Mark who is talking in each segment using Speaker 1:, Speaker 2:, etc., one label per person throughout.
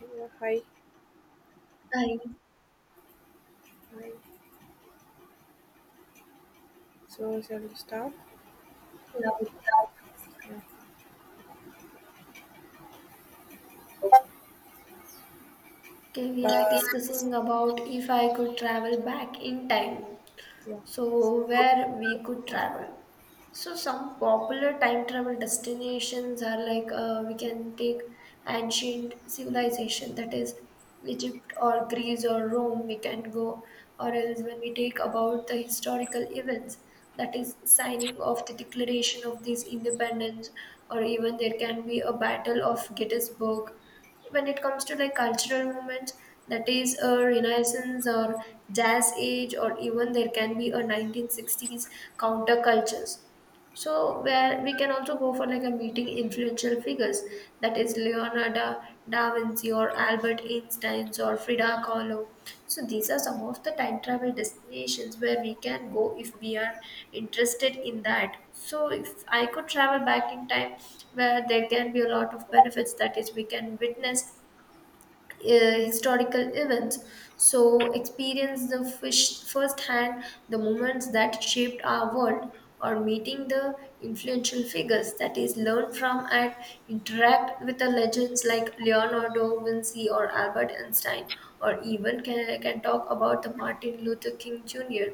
Speaker 1: Yeah, hi,
Speaker 2: Hi.
Speaker 1: hi. So shall we start?
Speaker 2: Yeah, we-
Speaker 1: Yeah.
Speaker 2: Okay, we
Speaker 1: Uh,
Speaker 2: are discussing about if I could travel back in time.
Speaker 1: yeah.
Speaker 2: So, where we could travel. So some popular time travel destinations are like we can take ancient civilization, that is Egypt or Greece or Rome we can go, or else when we take about the historical events, that is signing of the declaration of this independence, or even there can be a battle of Gettysburg. When it comes to like cultural movements, that is a renaissance or jazz age, or even there can be a 1960s countercultures. So where we can also go for like a meeting influential figures, that is Leonardo da Vinci or Albert Einstein or Frida Kahlo. So these are some of the time travel destinations where we can go if we are interested in that. So if I could travel back in time, where there can be a lot of benefits, that is we can witness historical events, so experience the fish firsthand the moments that shaped our world, or meeting the influential figures, that is learn from and interact with the legends like Leonardo Vinci or Albert Einstein, or even can talk about the Martin Luther King Jr.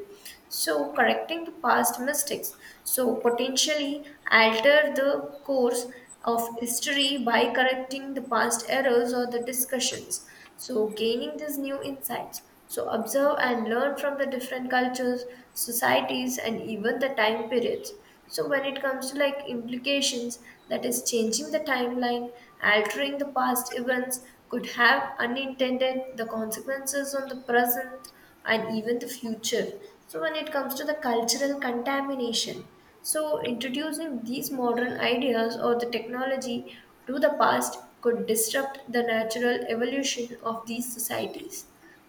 Speaker 2: So correcting the past mistakes, so potentially alter the course of history by correcting the past errors or the discussions. So gaining these new insights, so observe and learn from the different cultures, societies, and even the time periods. So when it comes to like implications, that is changing the timeline, altering the past events could have unintended the consequences on the present and even the future. So, when it comes to the cultural contamination, so introducing these modern ideas or the technology to the past could disrupt the natural evolution of these societies.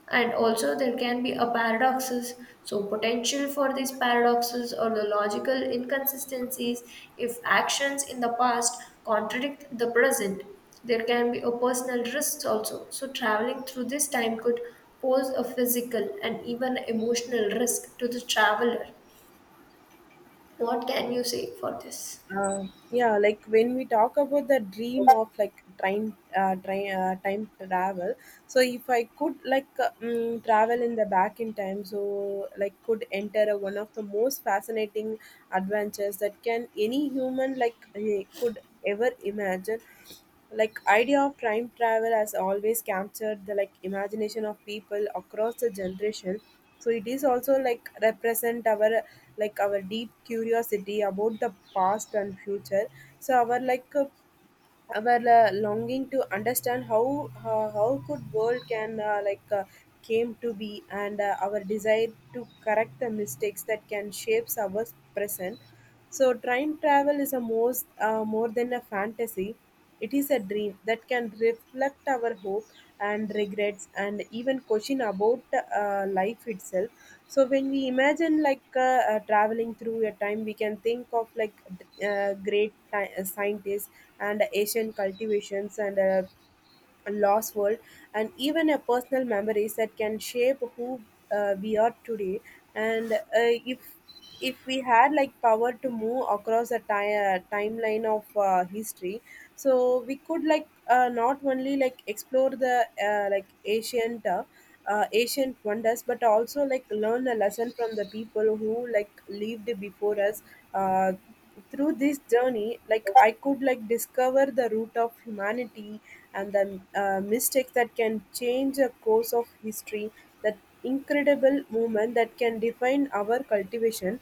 Speaker 2: And also, there can be a paradoxes. So, potential for these paradoxes or the logical inconsistencies if actions in the past contradict the present, there can be a personal risk also. So traveling through this time could pose a physical and even emotional risk to the traveler. What can you say for this?
Speaker 1: Yeah, like when we talk about the dream of like time travel. So if I could like travel in the back in time, so like could enter a, one of the most fascinating adventures that can any human like could ever imagine like idea of time travel has always captured the like imagination of people across the generation so it is also like represent our deep curiosity about the past and future so our longing to understand how could world can came to be and our desire to correct the mistakes that can shapes our present so time travel is a most more than a fantasy. It is a dream that can reflect our hope and regrets and even question about life itself. So when we imagine traveling through a time, we can think of like scientists and Asian cultivations and lost world, and even a personal memories that can shape who we are today. And if we had like power to move across a timeline of history, so we could like not only like explore the like ancient wonders but also like learn a lesson from the people who like lived before us uh, through this journey, like I could like discover the root of humanity and the mistakes that can change a course of history. That incredible moment that can define our cultivation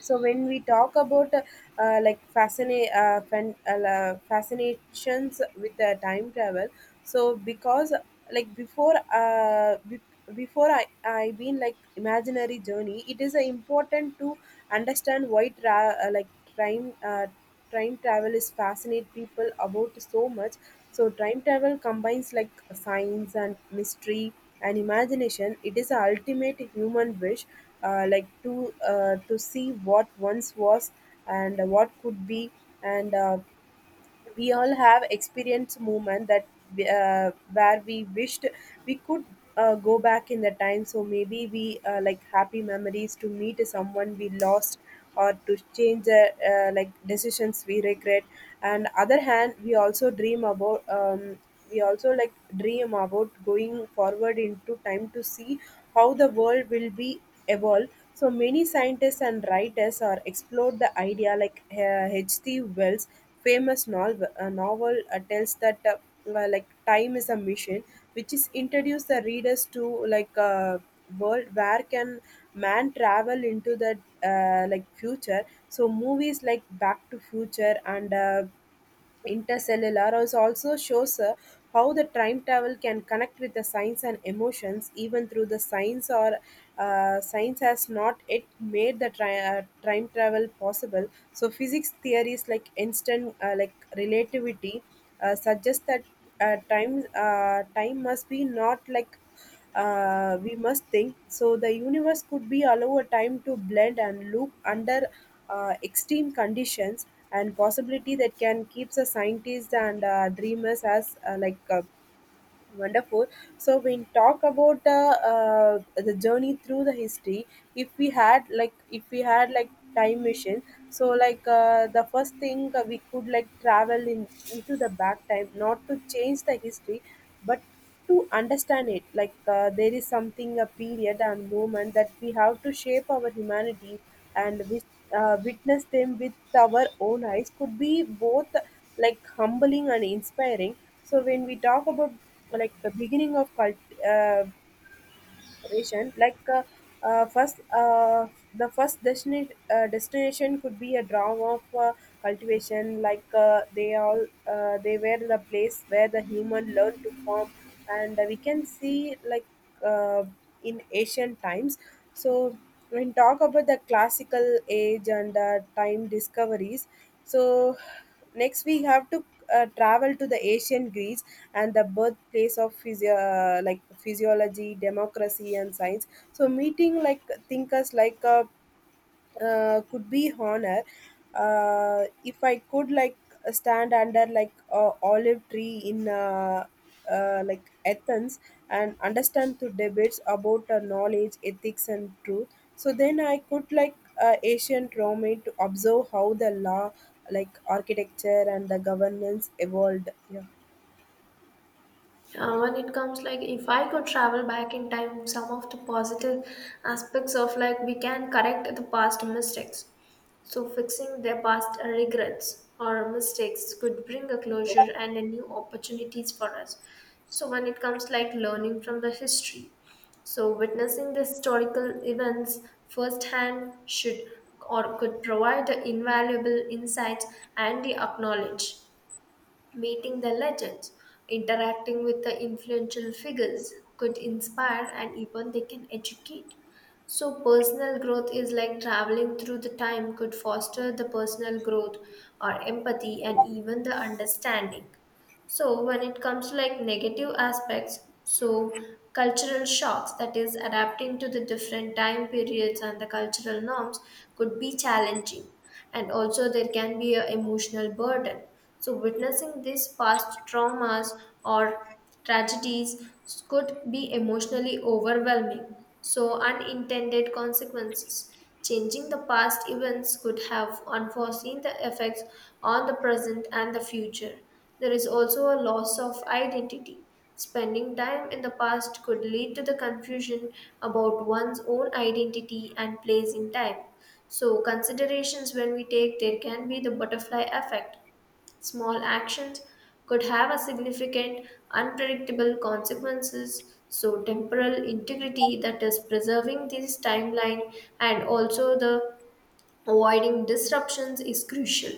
Speaker 1: so when we talk about fascinations with the time travel so because like before I been like imaginary journey it is important to understand why time uh, time travel is fascinate people about so much. So time travel combines like science and mystery and imagination. It is a ultimate human wish, like to see what once was and what could be. And we all have experienced moment that where we wished we could go back in the time so maybe we like happy memories to meet someone we lost or to change the like decisions we regret and other hand we also dream about we also dream about going forward into time to see how the world will be evolve. So many scientists and writers are explored the idea like H.G. Wells' famous novel tells that like time is a machine which is introduce the readers to like a world where can man travel into the like future so movies like back to future and Intercellular is also shows how the time travel can connect with the science and emotions, even through the science or science has not yet made the time travel possible. So physics theories like instant like relativity suggest that time must be not like we must think. So the universe could be allow a time to blend and loop under extreme conditions and possibility that can keep the scientists and dreamers as wonderful. So when talk about the journey through the history, if we had like time machine, so like the first thing we could like travel in into the back time, not to change the history, but to understand it like there is something a period and moment that we have to shape our humanity and wis witness them with our own eyes could be both like humbling and inspiring so when we talk about like the beginning of cult- destination like first the first destination destination could be a draw of cultivation like they were the place where the human learned to form and we can see like uh, in ancient times so when talk about the classical age and time discoveries so next, we have to travel to the ancient Greece and the birthplace of physiology, democracy, and science. So, meeting like thinkers like could be honor, if I could like stand under like a olive tree in like Athens and understand the debates about knowledge ethics and truth so then I could like ancient Rome to observe how the law like architecture and the governance evolved. Yeah.
Speaker 2: When it comes like if I could travel back in time, some of the positive aspects of like we can correct the past mistakes, so fixing their past regrets or mistakes could bring a closure and a new opportunities for us. So when it comes like learning from the history, so witnessing the historical events firsthand should or could provide invaluable insights and the acknowledge. Meeting the legends, interacting with the influential figures could inspire and even they can educate. So, personal growth is like traveling through the time could foster the personal growth or empathy and even the understanding. So when it comes to like negative aspects, so cultural shocks, that is adapting to the different time periods and the cultural norms could be challenging. And also there can be an emotional burden. So witnessing these past traumas or tragedies could be emotionally overwhelming, so unintended consequences. Changing the past events could have unforeseen the effects on the present and the future. There is also a loss of identity. Spending time in the past could lead to the confusion about one's own identity and place in time. So, considerations when we take, there can be the butterfly effect. Small actions could have a significant, unpredictable consequences. So, temporal integrity, that is, preserving this timeline and also the avoiding disruptions is crucial.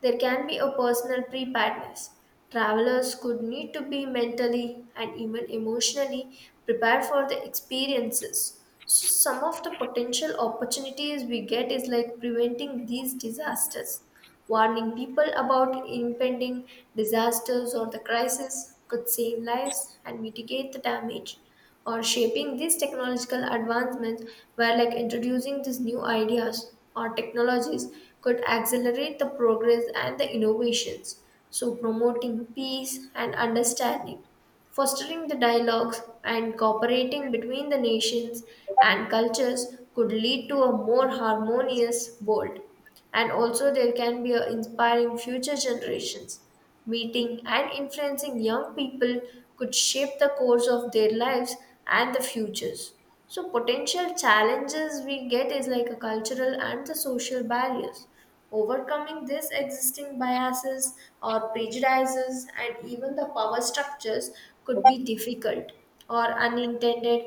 Speaker 2: There can be a personal preparedness. Travelers could need to be mentally and even emotionally prepared for the experiences. So some of the potential opportunities we get is like preventing these disasters. Warning people about impending disasters or the crisis could save lives and mitigate the damage, or shaping these technological advancements where like introducing these new ideas or technologies could accelerate the progress and the innovations. So promoting peace and understanding, fostering the dialogues and cooperating between the nations and cultures could lead to a more harmonious world. And also there can be a inspiring future generations, meeting and influencing young people could shape the course of their lives and the futures. So, potential challenges we get is like a cultural and the social barriers. Overcoming these existing biases or prejudices and even the power structures could be difficult, or unintended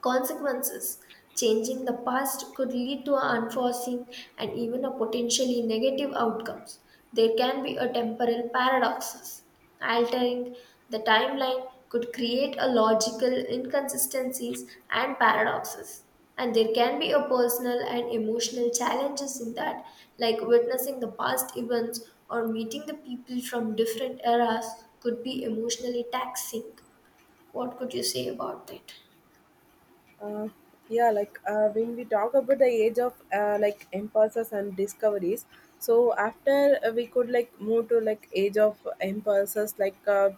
Speaker 2: consequences. Changing the past could lead to unforeseen and even a potentially negative outcomes. There can be a temporal paradoxes. Altering the timeline could create a logical inconsistencies and paradoxes. And there can be a personal and emotional challenges in that, like witnessing the past events or meeting the people from different eras could be emotionally taxing. What could you say about it?
Speaker 1: uh, yeah, like when we talk about the age of like impulses and discoveries so after we could like move to like age of impulses like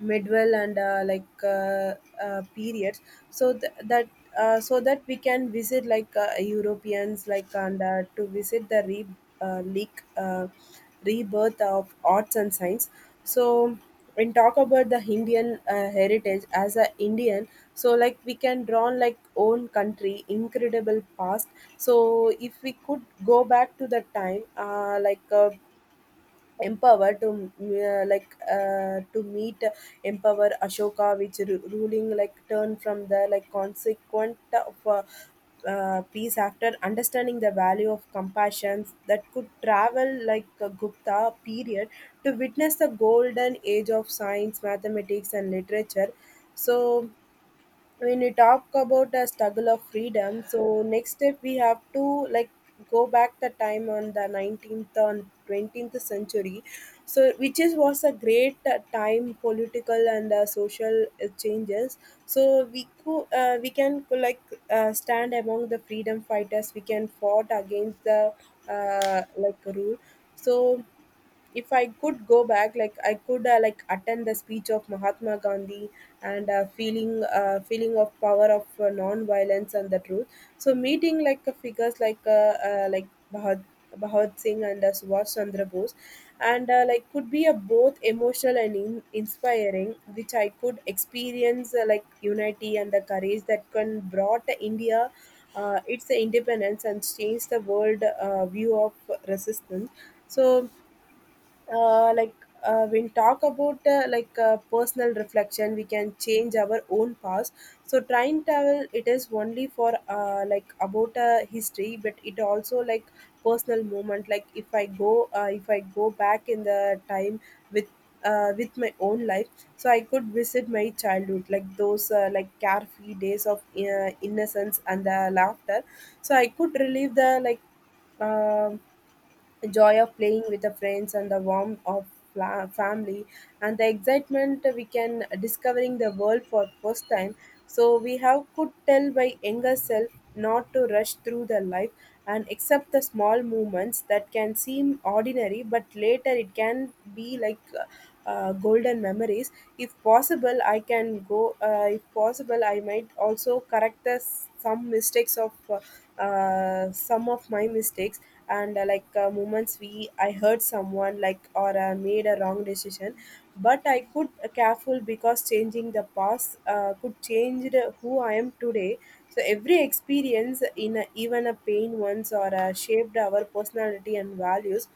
Speaker 1: midwell and periods so th- that so that we can visit like europeans like and to visit the re- leak rebirth of arts and science so when talk about the Indian heritage as a Indian so like we can draw on like own country incredible past so if we could go back to the time like empower to like to meet empower Ashoka which ruling like turn from the like consequent of peace after understanding the value of compassion that could travel like a Gupta period to witness the golden age of science, mathematics and literature so when we talk about a struggle of freedom so next step we have to like go back the time on the 19th and 20th century so which is was a great time political and social changes so we can stand among the freedom fighters we can fought against the like rule so if I could go back, like I could like attend the speech of Mahatma Gandhi and feeling of power of non-violence and the truth. So meeting like figures like Bhagat Singh and Subhash Chandra Bose, and like could be a both emotional and inspiring, which I could experience like unity and the courage that can brought India. Its independence and change the world view of resistance. So uh, like when talk about personal reflection we can change our own past so time travel it is only for like about history but it also like personal moment like if I go back in the time with with my own life so I could visit my childhood like those like carefree days of innocence and the laughter so I could relive the um the joy of playing with the friends and the warmth of family and the excitement we can discovering the world for first time so we have could tell by younger self not to rush through the life and accept the small moments that can seem ordinary but later it can be like golden memories. If possible i can go uh, if possible I might also correct the, some mistakes of some of my mistakes and moments we I hurt someone like or made a wrong decision but I could careful because changing the past could change the- who I am today so every experience in a, even a pain once or shaped our personality and values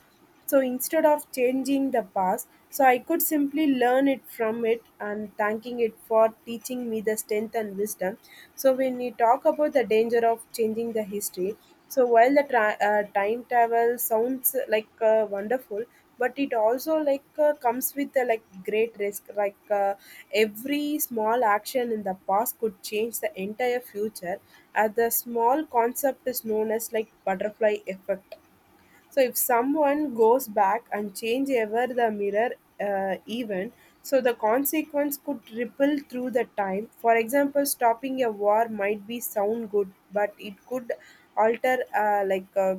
Speaker 1: so instead of changing the past, so I could simply learn it from it and thanking it for teaching me the strength and wisdom. So when we talk about the danger of changing the history, so while the time travel sounds like wonderful, but it also like comes with like great risk. Like every small action in the past could change the entire future, as the small concept is known as like butterfly effect. So if someone goes back and change ever the mirror event, so the consequence could ripple through the time. For example, stopping a war might be sound good, but it could alter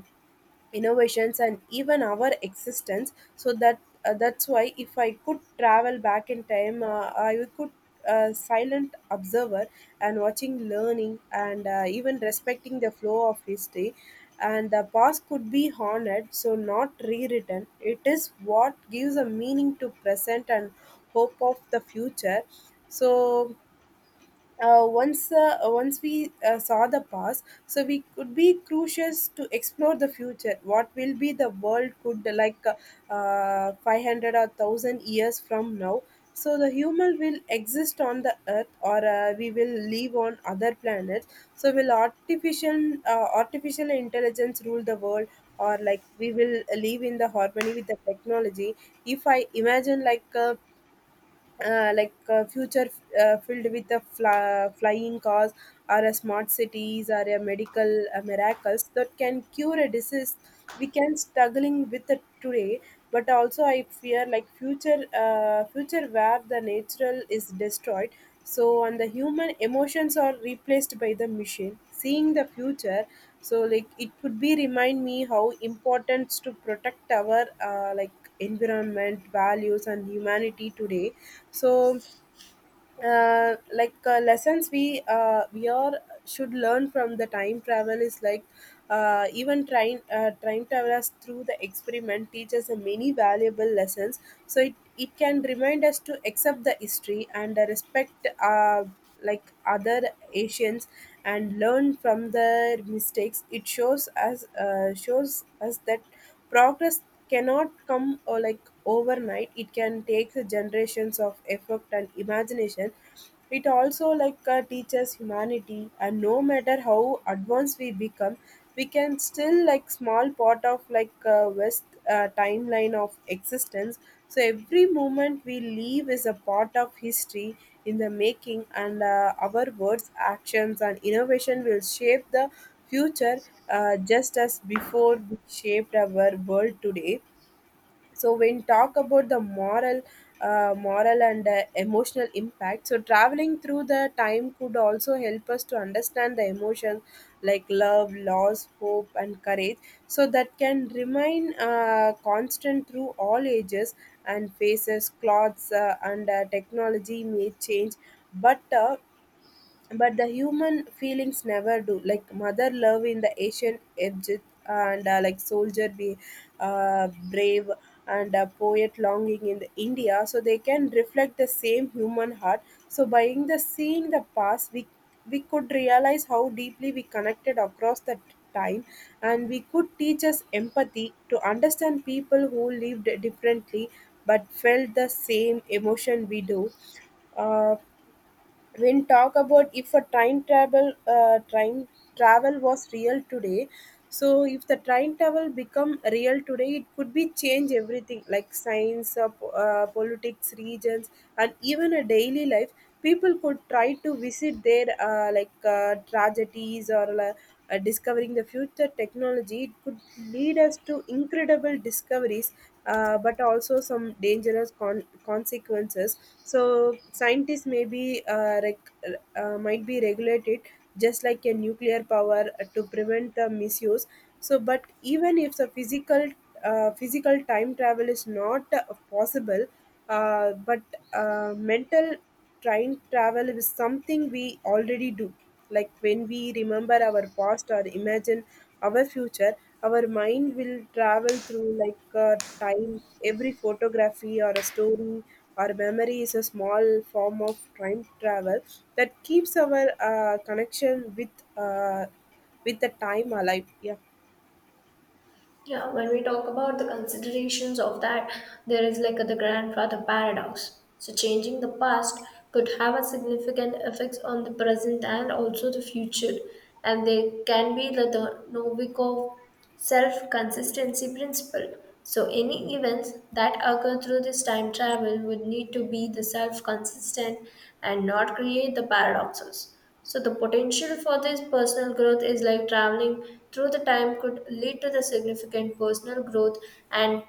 Speaker 1: innovations and even our existence. So that's why if I could travel back in time, I could a silent observer and watching, learning, and even respecting the flow of history. And the past could be honored, so not rewritten. It is what gives a meaning to present and hope of the future. So once we saw the past, so we could be curious to explore the future. What will be the world could like 500 or 1000 years from now? So the human will exist on the earth, or we will live on other planets? So will artificial intelligence rule the world, or like we will live in the harmony with the technology? If I imagine future filled with the flying cars or a smart cities or a medical miracles that can cure a disease we can struggling with it today. But also I fear like future where the natural is destroyed, so and the human emotions are replaced by the machine seeing the future. So like it could be remind me how important to protect our environment values and humanity today. So lessons we are should learn from the time travel is like even time time travelers through the experiment teaches us many valuable lessons. So it can remind us to accept the history and respect like other asians and learn from their mistakes. It shows us that progress cannot come or like overnight. It can take generations of effort and imagination. It also teaches humanity, and no matter how advanced we become, we can still like small part of West timeline of existence. So every moment we leave is a part of history in the making, and our words, actions, and innovation will shape the future, just as before we shaped our world today. So when talk about the moral and emotional impact, so traveling through the time could also help us to understand the emotions like love, loss, hope, and courage, so that can remain constant through all ages. And faces, clothes, and technology may change, but uh, but the human feelings never do, like mother love in the asian Egypt, and like soldier be brave, and poet longing in the india, so they can reflect the same human heart. So by in the seeing the past, we could realize how deeply we connected across the time, and we could teach us empathy to understand people who lived differently but felt the same emotion we do. Uh, when talk about if a time travel was real today, so if the time travel become real today, it could be change everything like science, politics, regions, and even a daily life. People could try to visit their tragedies or discovering the future technology. It could lead us to incredible discoveries, but also some dangerous consequences. So scientists might be regulated just like a nuclear power, to prevent the misuse. So, but even if the physical time travel is not possible, but mental time travel is something we already do. Like when we remember our past or imagine our future, our mind will travel through time. Every photography or a story or memory is a small form of time travel that keeps our connection uh, with the time alive. Yeah.
Speaker 2: Yeah, when we talk about the considerations of that, there is like the grandfather paradox. So, changing the past could have a significant effects on the present and also the future. And there can be the Novikov self consistency principle. So, any events that occur through this time travel would need to be the self consistent and not create the paradoxes. So the potential for this personal growth is like traveling through the time could lead to the significant personal growth and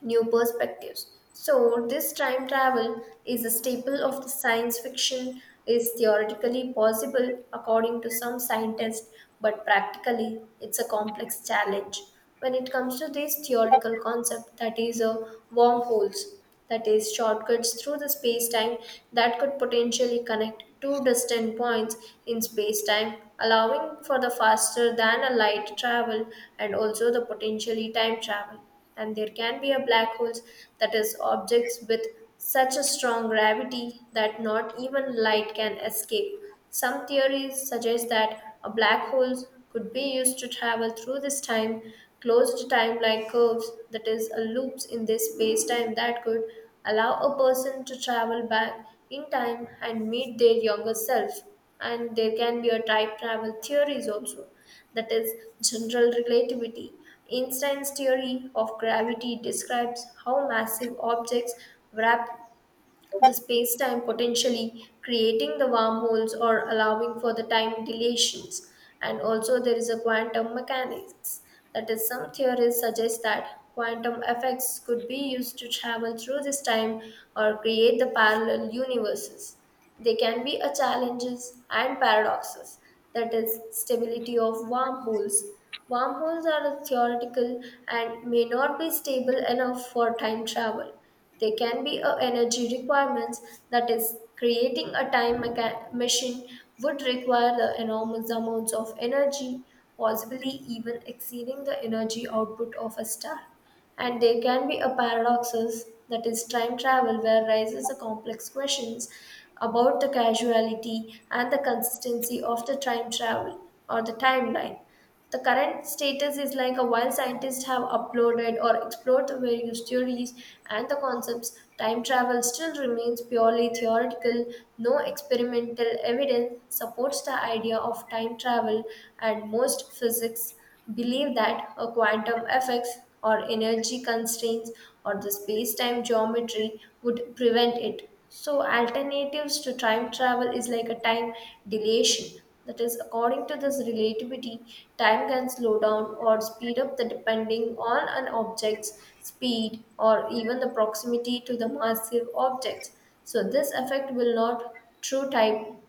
Speaker 2: new perspectives. So this time travel is a staple of the science fiction, is theoretically possible according to some scientists, but practically it's a complex challenge. When it comes to this theoretical concept, that is a wormholes, that is shortcuts through the space time that could potentially connect two distant points in space time, allowing for the faster than a light travel and also the potentially time travel. And there can be a black holes, that is objects with such a strong gravity that not even light can escape. Some theories suggest that a black holes could be used to travel through this time, closed time-like curves, that is a loops in this space-time that could allow a person to travel back in time and meet their younger self. And there can be a time travel theories also, that is, general relativity. Einstein's theory of gravity describes how massive objects wrap the space time, potentially creating the wormholes or allowing for the time dilations. And also, there is a quantum mechanics. That is, some theories suggest that quantum effects could be used to travel through this time or create the parallel universes. They can be a challenges and paradoxes. That is, stability of wormholes. Wormholes are theoretical and may not be stable enough for time travel. There can be a energy requirements, that is creating a time machine would require the enormous amounts of energy, possibly even exceeding the energy output of a star. And there can be a paradoxes, that is time travel where rises a complex questions about the causality and the consistency of the time travel or the timeline. The current status is like a while scientists have uploaded or explored the various theories and the concepts, time travel still remains purely theoretical. No experimental evidence supports the idea of time travel, and most physics believe that a quantum effects or energy constraints or the space time geometry would prevent it. So alternatives to time travel is like a time dilation, that is, according to this relativity, time can slow down or speed up the depending on an object's speed or even the proximity to the massive objects. So this effect will not true time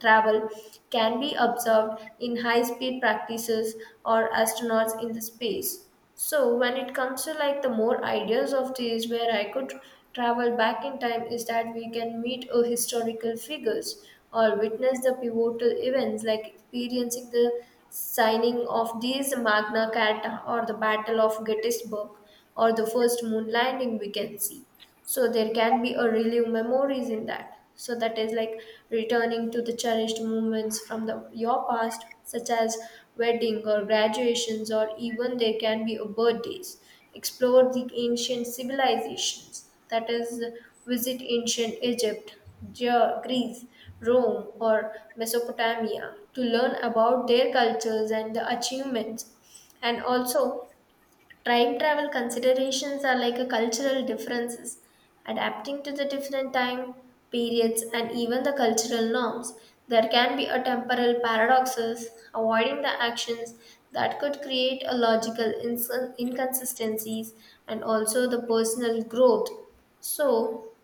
Speaker 2: travel, can be observed in high speed practices or astronauts in the space. So when it comes to like the more ideas of these where I could travel back in time is that we can meet a historical figures or witness the pivotal events like experiencing the signing of these Magna Carta or the Battle of Gettysburg or the first moon landing we can see. So there can be a relive memories in that, so that is like returning to the cherished moments from the your past such as wedding or graduations or even there can be a birthdays. Explore the ancient civilizations, that is visit ancient Egypt, Greece, Rome, or Mesopotamia to learn about their cultures and the achievements. And also, time travel considerations are like a cultural differences, adapting to the different time periods and even the cultural norms. There can be a temporal paradoxes, avoiding the actions that could create a inconsistencies, and also the personal growth. So,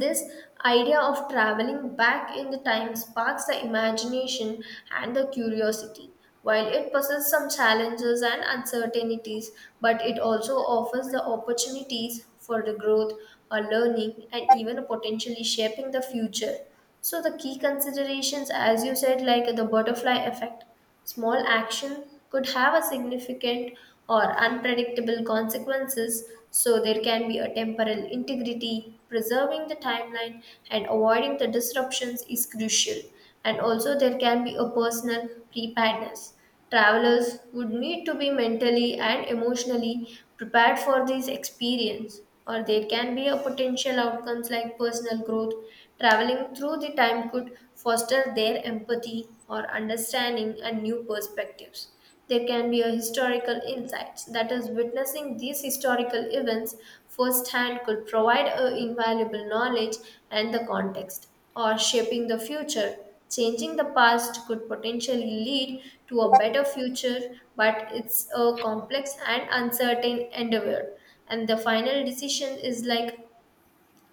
Speaker 2: this idea of traveling back in the time sparks the imagination and the curiosity. While it possesses some challenges and uncertainties, but it also offers the opportunities for the growth or learning and even potentially shaping the future. So the key considerations, as you said, like the butterfly effect. Small action could have a significant or unpredictable consequences, so there can be a temporal integrity. Preserving the timeline and avoiding the disruptions is crucial, and also there can be a personal preparedness. Travelers would need to be mentally and emotionally prepared for this experience, or there can be a potential outcomes like personal growth. Traveling through the time could foster their empathy or understanding and new perspectives. There can be a historical insights, that is witnessing these historical events firsthand could provide a invaluable knowledge and the context, or shaping the future. Changing the past could potentially lead to a better future, but it's a complex and uncertain endeavor. And the final decision is like,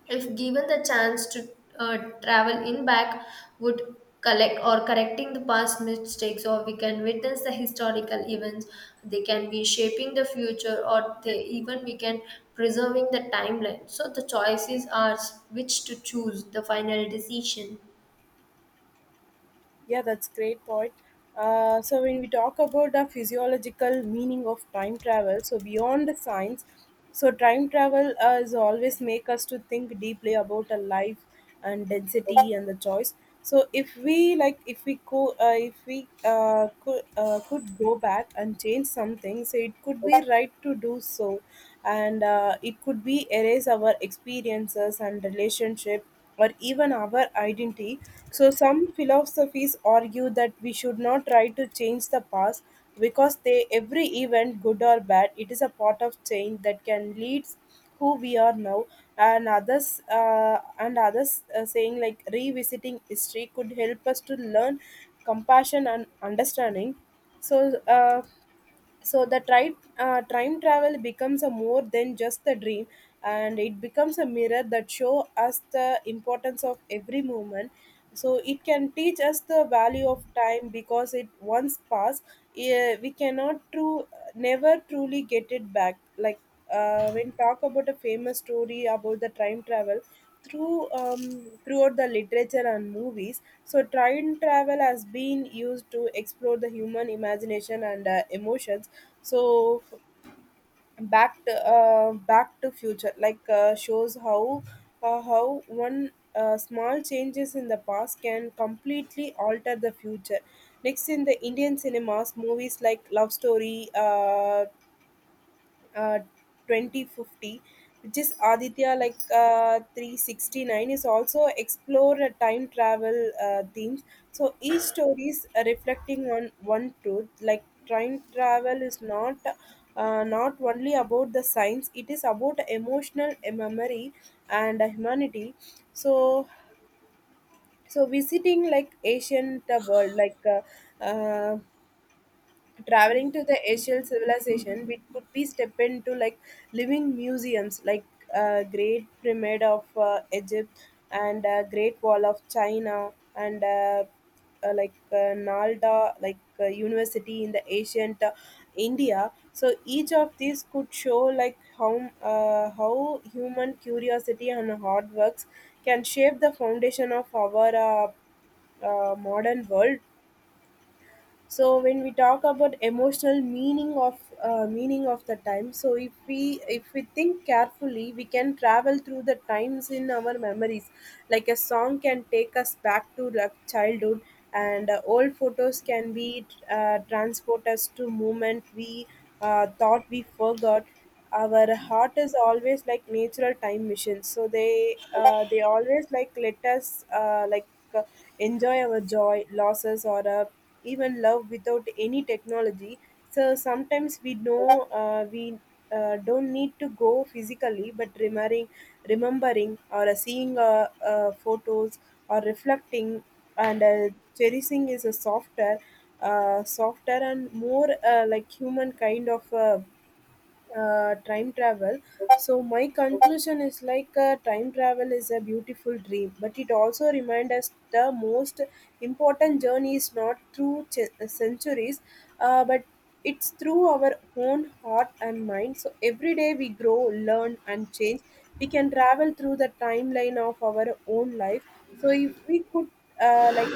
Speaker 2: if given the chance to travel in back, would collect or correcting the past mistakes, or we can witness the historical events, they can be shaping the future, or they even we can preserving the timeline. So the choices are which to choose, the final decision.
Speaker 1: Yeah, that's great point. So when we talk about the physiological meaning of time travel, so beyond the science, so time travel is always make us to think deeply about a life and density and the choice. So if we like, if we go, if we could go back and change something, so it could be right to do so, and it could be erase our experiences and relationship or even our identity. So, some philosophies argue that we should not try to change the past because they, every event, good or bad, it is a part of change that can lead who we are now. And others saying like revisiting history could help us to learn compassion and understanding. So time travel becomes a more than just a dream, and it becomes a mirror that show us the importance of every moment. So it can teach us the value of time because it once passed, eh, we cannot true never truly get it back. Like when talk about a famous story about the time travel through throughout the literature and movies, so time travel has been used to explore the human imagination and emotions. So back to future shows how one small changes in the past can completely alter the future. Next in the indian cinemas movies like love story uh, 2050, which is aditya 369, is also explore a time travel themes. So each story is reflecting on one truth, like time travel is not only about the science, it is about emotional memory and humanity. So visiting like ancient world like uh, traveling to the asian civilization, we could be step into like living museums like great pyramid of egypt, and great wall of china, and nalda university in the ancient india. So each of these could show like how human curiosity and hard works can shape the foundation of our modern world. So when we talk about emotional meaning of the time, so if we think carefully, we can travel through the times in our memories. Like a song can take us back to like childhood, and old photos can be transport us to moment we thought we forgot. Our heart is always like natural time machine, so they always like let us uh, enjoy our joy, losses, or even love without any technology. So sometimes we know we don't need to go physically, but remembering or seeing photos or reflecting and cherishing is a softer and more human kind of time travel. So my conclusion is like time travel is a beautiful dream, but it also reminds us the most important journey is not through centuries, but it's through our own heart and mind. So every day we grow, learn, and change. We can travel through the timeline of our own life. So if we could uh, like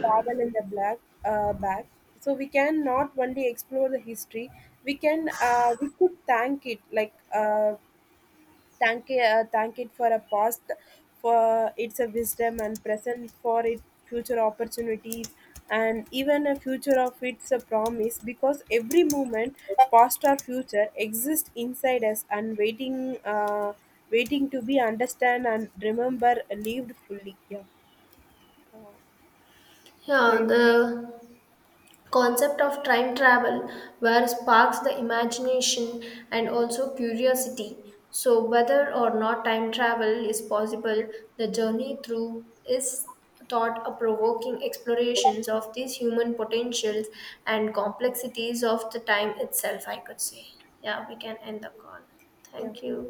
Speaker 1: travel in the black back, so we can not only explore the history, we can we could thank it like thank it for a past for its a wisdom, and present for it future opportunities, and even a future of its a promise, because every moment, past or future, exists inside us and waiting to be understand and remember, lived fully. Yeah. yeah
Speaker 2: Yeah,
Speaker 1: you-
Speaker 2: the concept of time travel where sparks the imagination and also curiosity. So whether or not time travel is possible, the journey through is thought a provoking explorations of these human potentials and complexities of the time itself, I could say. Yeah, we can end the call. Thank
Speaker 1: yeah.
Speaker 2: you.